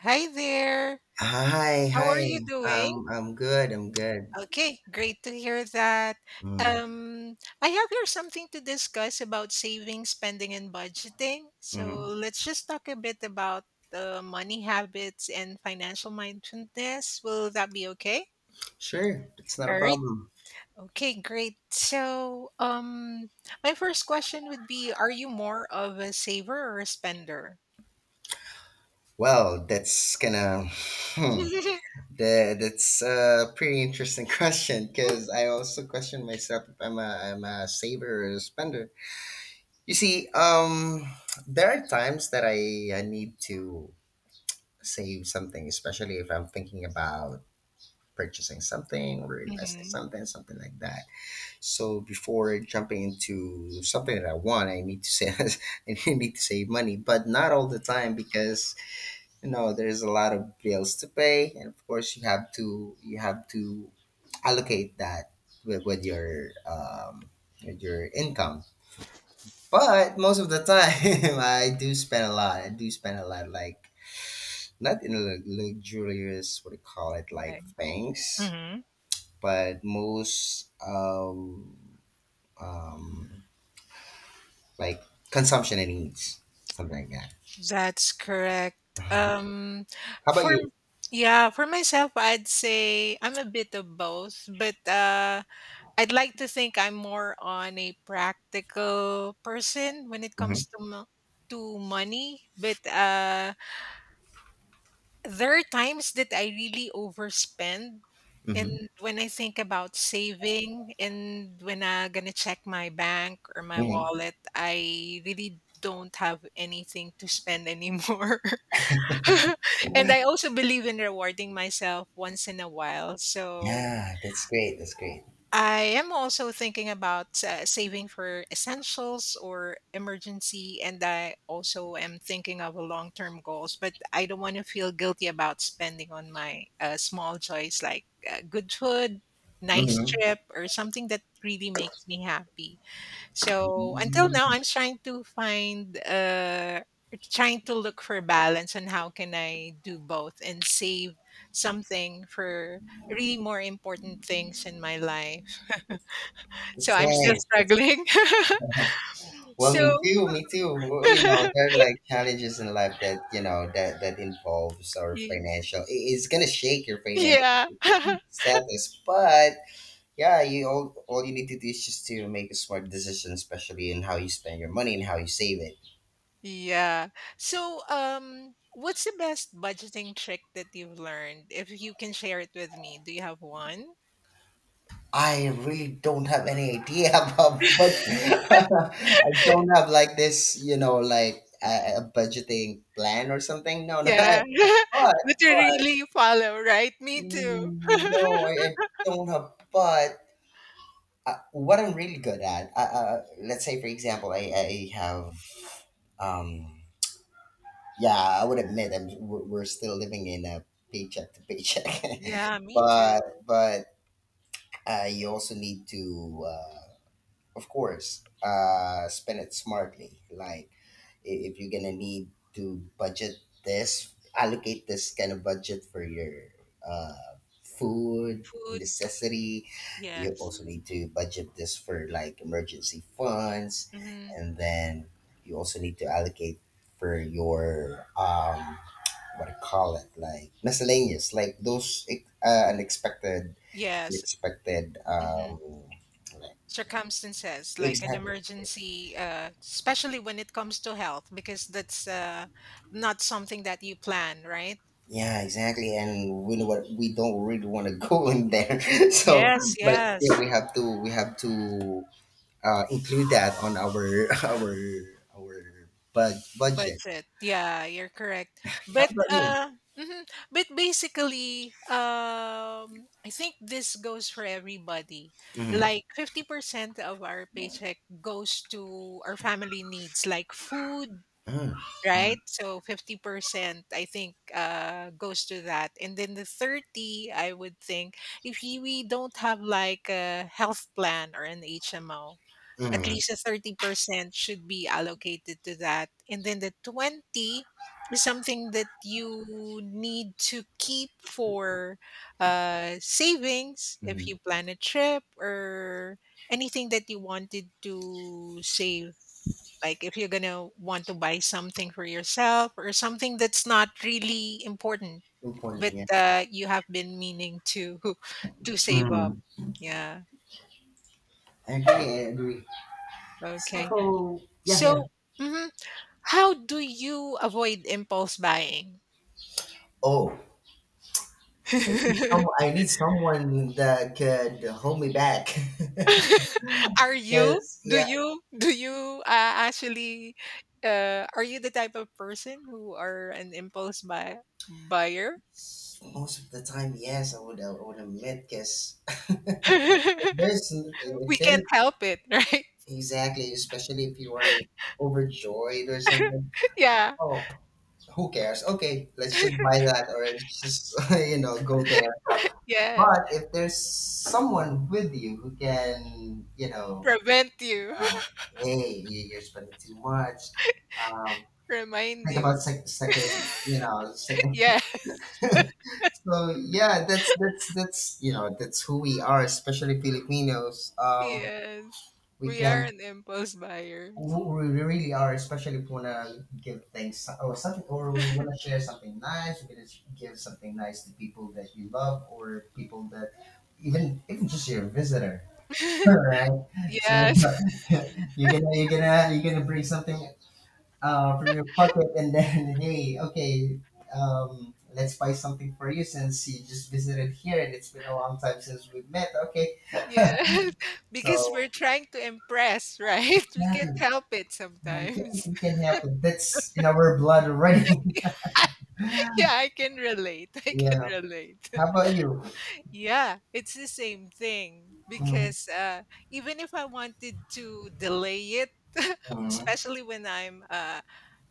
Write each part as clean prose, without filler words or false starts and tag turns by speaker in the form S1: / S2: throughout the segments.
S1: Hi there.
S2: Hi,
S1: How are
S2: hi.
S1: you doing?
S2: I'm good. I'm good.
S1: Okay, great to hear that.
S2: Mm,
S1: Um, I have here something to discuss about saving, spending, and budgeting. So
S2: mm.
S1: let's just talk a bit about money habits and financial mindfulness. Will that be okay?
S2: Sure, it's not a
S1: All right.
S2: problem.
S1: Okay, great. So, my first question would be, are you more of a saver or a spender?
S2: Well, that's gonna. Hmm, that's a pretty interesting question, because I also question myself if I'm a saver or a spender. You see, there are times that I need to save something, especially if I'm thinking about purchasing something or investing
S1: Mhm.
S2: something like that. So before jumping into something that I want, I need to save. I need to save money, but not all the time, because there's a lot of bills to pay, and of course you have to allocate that with, with your um, with your income. But most of the time, I do spend a lot. I do spend a lot, like, not in luxurious what do you call it, like,
S1: Right.
S2: things,
S1: Mhm.
S2: but most um like consumption and needs, something like that.
S1: That's correct. Um,
S2: How about
S1: for
S2: you?
S1: yeah, for myself, I'd say I'm a bit of both, but I'd like to think I'm more on a practical person when it
S2: Hmm.
S1: comes to to money. But there are times that I really overspend, and
S2: Hmm.
S1: when I think about saving, and when I'm gonna check my bank or my
S2: Hmm.
S1: wallet, I really don't have anything to spend anymore. And I also believe in rewarding myself once in a while. So
S2: Yeah, that's great. That's great.
S1: I am also thinking about saving for essentials or emergency. And I also am thinking of long term goals, but I don't want to feel guilty about spending on my small joys like good food, nice
S2: Mm-hmm.
S1: trip, or something that really makes me happy. So until now, I'm trying to find, trying to look for balance on how can I do both and save something for really more important things in my life. So
S2: That's
S1: I'm still
S2: nice. That's
S1: struggling.
S2: nice. Well, me
S1: So
S2: too. Me too. Well, there are, like, challenges in life that you know that that involves our
S1: y-
S2: financial. It's gonna shake your financial
S1: yeah.
S2: status, but yeah, you all you need to do is just to make a smart decision, especially in how you spend your money and how you save it.
S1: Yeah. So what's the best budgeting trick that you've learned? If you can share it with me, do you have one?
S2: I really don't have any idea about budget. I don't have, like, this, like a budgeting plan or something. No, no.
S1: Yeah.
S2: But,
S1: That you
S2: but
S1: really follow, right? Me too.
S2: no, I, I don't have. But what I'm really good at, let's say, for example, I have, um, yeah, I would admit I'm, we're still living in a paycheck to paycheck,
S1: Yeah, me
S2: but
S1: too.
S2: but you also need to. Of course, spend it smartly. Like, if you're gonna need to budget this, allocate this kind of budget for your uh, food
S1: Food,
S2: necessity. You
S1: yes.
S2: also need to budget this for, like, emergency funds,
S1: Hmm.
S2: and then you also need to allocate for your, what do you call it, like miscellaneous, like those uh, unexpected
S1: Yes.
S2: unexpected,
S1: Hmm.
S2: like.
S1: Circumstances like an
S2: Exactly.
S1: emergency, especially when it comes to health, because that's not something that you plan, right?
S2: Yeah, exactly. And we know what we don't really want to go in there. So,
S1: Yes,
S2: but still,
S1: yes.
S2: we have to include that on our our budget.
S1: Budget. Yeah, you're correct.
S2: How
S1: But
S2: about you?
S1: mhm. basically, I think this goes for everybody.
S2: Mm-hmm.
S1: Like 50% of our paycheck goes to our family needs like food,
S2: Mm-hmm.
S1: right? So 50%, I think, goes to that. And then the 30, I would think, if you, we don't have like a health plan or an HMO, at
S2: Mm-hmm.
S1: least a 30% should be allocated to that. And then the 20 is something that you need to keep for savings if
S2: Mm-hmm.
S1: you plan a trip or anything that you wanted to save like if you're gonna want to buy something for yourself or something that's not really important,
S2: Good point.
S1: but
S2: Yeah.
S1: you have been meaning to to save
S2: Mm-hmm.
S1: up. Yeah.
S2: I agree. I agree. So
S1: Okay.
S2: yeah, yeah.
S1: So, mhm, how do you avoid impulse buying?
S2: Oh, I need some. I need someone that could hold me back.
S1: Are you?
S2: Because
S1: Do
S2: yeah,
S1: you? Do you actually? Are you the type of person who are an buyer?
S2: most of the time, yes, I would admit, because if there's
S1: We can't help it, right?
S2: exactly, especially if you are overjoyed or something.
S1: Yeah.
S2: Oh, who cares? Okay, let's just buy that, or let's just go there.
S1: Yeah,
S2: But if there's someone with you who can,
S1: prevent you.
S2: now, hey, you're spending too much. Um,
S1: Remind
S2: think about
S1: you.
S2: sec- second, you know, second.
S1: Yeah,
S2: So yeah, that's you know that's who we are, especially Filipinos.
S1: yes.
S2: We
S1: We are
S2: can
S1: an impulse buyers.
S2: we really are, especially if we wanna give things or something, or we wanna share something nice. We wanna give something nice to people that you love, or people that, even even just your visitor. All right, so
S1: Yes,
S2: you're gonna bring something from your pocket, and then hey, okay, let's buy something for you, since you just visited here and it's been a long time since we've met. Okay.
S1: yes, because we're
S2: So,
S1: trying to impress, right? We
S2: exactly.
S1: can't help it
S2: Now we
S1: sometimes.
S2: can, we can help. That's in our blood already.
S1: Yeah, I can relate. I can
S2: Yeah.
S1: relate.
S2: How about you?
S1: Yeah, it's the same thing
S2: Mhm.
S1: because even if I wanted to delay it,
S2: Mhm.
S1: especially when I'm,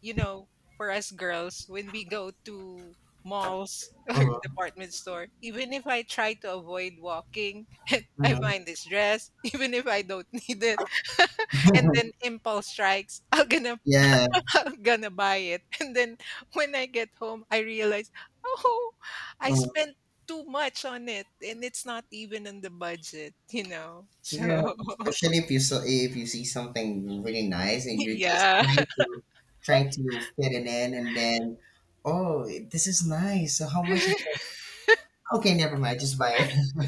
S1: you know, for us girls, when we go to malls or
S2: Mhm.
S1: department store, even if I try to avoid walking, I find this dress, even if I don't need it, and
S2: Mhm.
S1: then impulse strikes, I'm gonna
S2: Yeah.
S1: I'm gonna buy it. And then when I get home, I realize, oh, I
S2: Mm-hmm.
S1: spent too much on it and it's not even in the budget, you know.
S2: Yeah,
S1: So
S2: especially if you so if you see something really nice, and you're just
S1: yeah.
S2: trying to, fit it in, and then, oh, this is nice. So how much is it? Okay, never mind. Just buy it.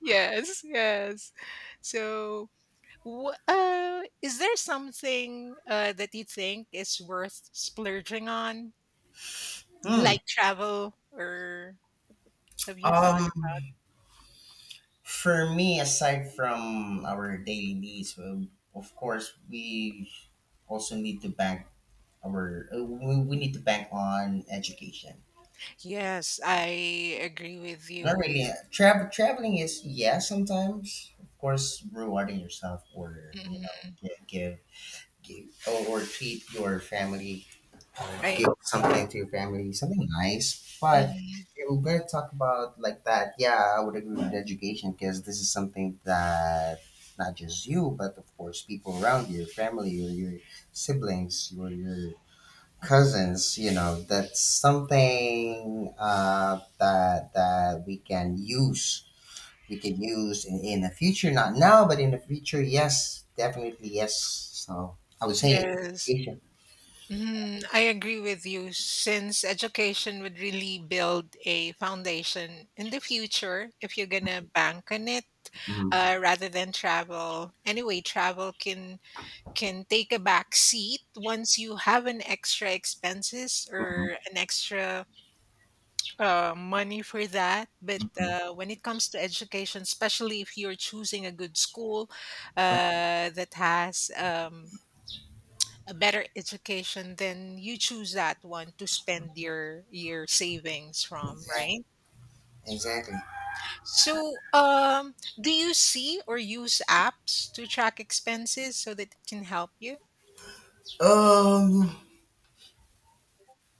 S1: Yes, yes. So is there something that you think is worth splurging on?
S2: Hmm.
S1: Like travel or have you thought
S2: Um,
S1: about?
S2: for me, aside from our daily needs, well, of course, we also need to bank on education.
S1: Yes, I agree with
S2: Not
S1: you.
S2: really. Traveling is, yeah. Sometimes, of course, rewarding yourself or,
S1: Mhm.
S2: give or treat your family, or give
S1: I.
S2: something to your family, something nice. But
S1: Mhm.
S2: if we're gonna talk about, like, that, yeah, I would agree with education, because this is something that, not just you, but of course people around you, your family, your siblings, your cousins, that's something that we can use in the future. Not now, but in the future, yes, definitely, yes. So I would say
S1: Yes.
S2: education.
S1: Mm, I agree with you. Since education would really build a foundation in the future, if you're gonna bank on it,
S2: Mhm,
S1: rather than travel. Anyway, travel can take a back seat once you have an extra expenses
S2: mhm,
S1: or an extra money for that. But
S2: mhm.
S1: when it comes to education, especially if you're choosing a good school that has a better education, then you choose that one to spend your savings from, right?
S2: Exactly.
S1: So, do you see or use apps to track expenses so that it can help you?
S2: um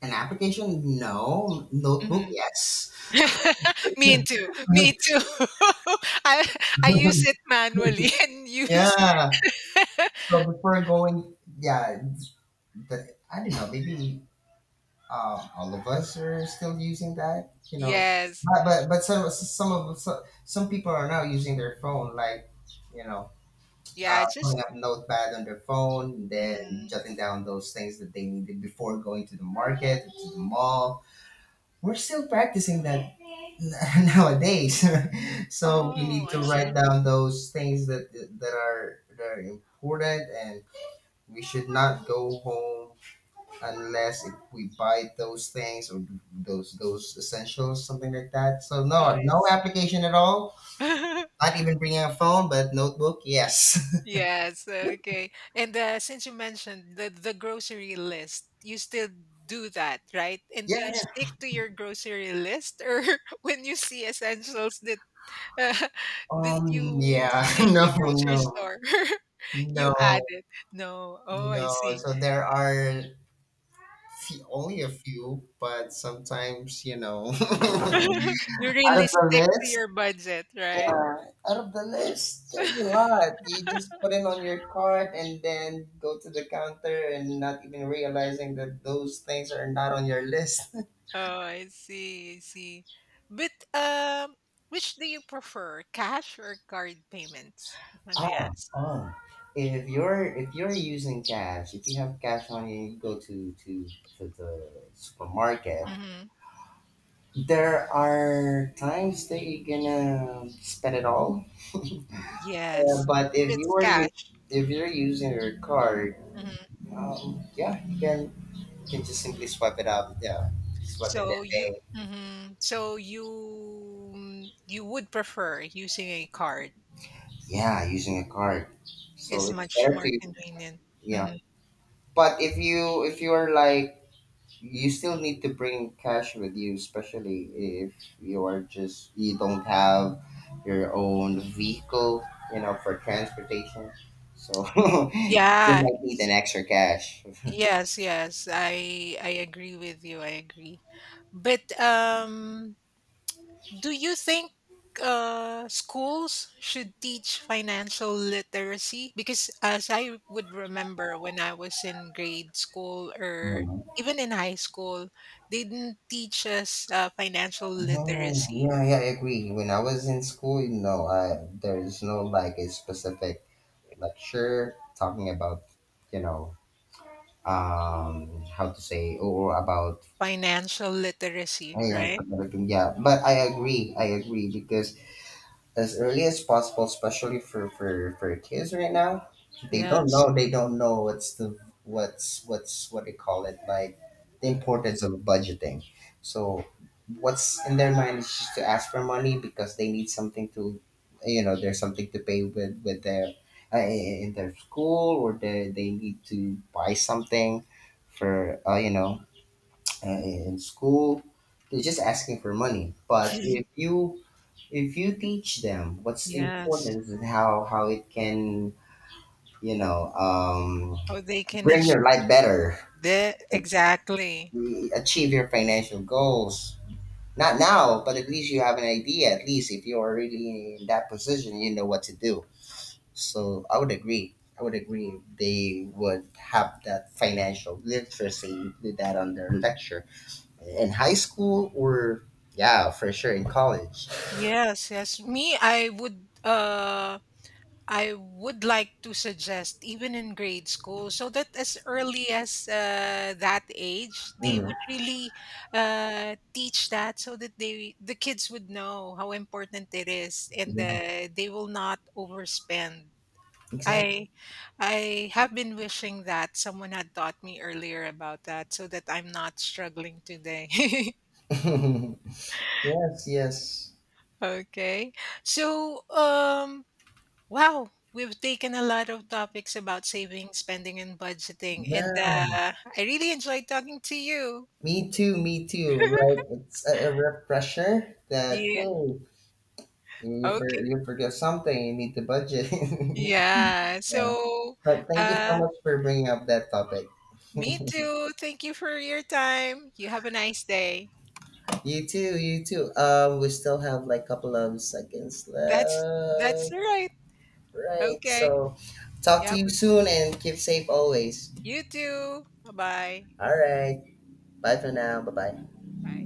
S2: an application, no. Notebook,
S1: Mhm.
S2: yes.
S1: Me too. Me too. I use it manually and use
S2: Yeah. So before going, yeah, the, I don't know, maybe all of us are still using that.
S1: yes.
S2: But some people are now using their phone, like, you know,
S1: Yeah,
S2: pulling
S1: just
S2: up notepad on their phone, then
S1: mm.
S2: jotting down those things that they needed before going to the market or to the mall. We're still practicing that nowadays, so we
S1: Oh,
S2: need
S1: I
S2: to
S1: see.
S2: write down those things that are important, and we should not go home unless if we buy those things, or those essentials, something like that. So
S1: Oh,
S2: no,
S1: I
S2: no
S1: see.
S2: application at all. Not even bringing a phone, but notebook, yes.
S1: Yes, okay. And since you mentioned the grocery list, you still do that, right? And
S2: Yeah,
S1: do you
S2: yeah.
S1: stick to your grocery list, or when you see essentials that uh, that you
S2: Yeah.
S1: see in the grocery
S2: No,
S1: store,
S2: no,
S1: you
S2: no,
S1: add it? No. Oh, I
S2: no.
S1: see.
S2: So there are few, only a few, but sometimes, out of
S1: You really stick
S2: the
S1: to
S2: list,
S1: your budget, right?
S2: yeah, out of the list, there's a lot. You just put it on your card and then go to the counter, and not even realizing that those things are not on your list.
S1: Oh, I see. I see. But which do you prefer, cash or card payments, if I may
S2: Oh,
S1: ask?
S2: oh. If you're using cash, if you have cash on you, you go to the supermarket.
S1: Mm-hmm.
S2: There are times that you're gonna spend it all. Yeah,
S1: Yes,
S2: but
S1: if
S2: if you
S1: it's
S2: are u-
S1: cash.
S2: if you're using your card,
S1: Mhm.
S2: yeah, you can just simply swipe it up. Yeah, swipe it
S1: So
S2: that
S1: you
S2: way.
S1: you would prefer using a card.
S2: Yeah, using a card. So
S1: It's
S2: it's
S1: much
S2: better
S1: more
S2: to,
S1: convenient.
S2: yeah.
S1: Mhm.
S2: But if you are, like, you still need to bring cash with you, especially if you are just you don't have your own vehicle, for transportation. So you
S1: Yeah.
S2: might need an extra cash.
S1: Yes, yes. I agree with you. I agree. But do you think schools should teach financial literacy? Because as I would remember when I was in grade school or
S2: Mm.
S1: even in high school, they didn't teach us financial
S2: No,
S1: literacy.
S2: yeah, yeah, I agree. When I was in school, there is no, like, a specific lecture talking about, you know, how to say, or about,
S1: Financial literacy,
S2: ayan, sa
S1: right?
S2: Tagalog, yeah. But I agree, I agree, because as early as possible, especially for kids right now. They don't
S1: Yes.
S2: know. They don't know what they call it, like, the importance of budgeting. So what's in their mind is just to ask for money, because they need something to, you know, there's something to pay with their, in their school, or they need to buy something for, in school. They're just asking for money. But if you if you teach them what's the
S1: Yes.
S2: importance, and how it can, you know um,
S1: How they can
S2: bring your
S1: achieve
S2: life better,
S1: that.
S2: ach-
S1: Exactly.
S2: achieve your financial goals. Not now, but at least you have an idea. At least, if you are really in that position, you know what to do. So I would agree they would have that financial literacy, include that on their lecture in high school, or, yeah, for sure in college.
S1: Yes, yes. I would like to suggest, even in grade school, so that as early as that age, they
S2: Mm,
S1: would really teach that, so that the kids would know how important it is, and
S2: yeah,
S1: they will not overspend. I have been wishing that someone had taught me earlier about that, so that I'm not struggling today.
S2: exactly. Yes, yes.
S1: Okay, so wow, we've taken a lot of topics about saving, spending, and budgeting, and
S2: Yeah.
S1: I really enjoyed talking to you.
S2: Me too, me too. Like, it's a refresher that,
S1: Yeah.
S2: hey,
S1: Okay.
S2: you forget something, you need to budget. Yeah.
S1: Yeah. So,
S2: But thank you so
S1: uh,
S2: much for bringing up that topic.
S1: me too. Thank you for your time. You have a nice day.
S2: You too, you too. We still have, like, a couple of seconds
S1: That's that's
S2: left.
S1: all right.
S2: Right.
S1: Okay.
S2: So, talk to
S1: Yeah.
S2: you soon and keep safe always.
S1: You too. Bye bye.
S2: All right. Bye for now. Bye bye.
S1: Bye.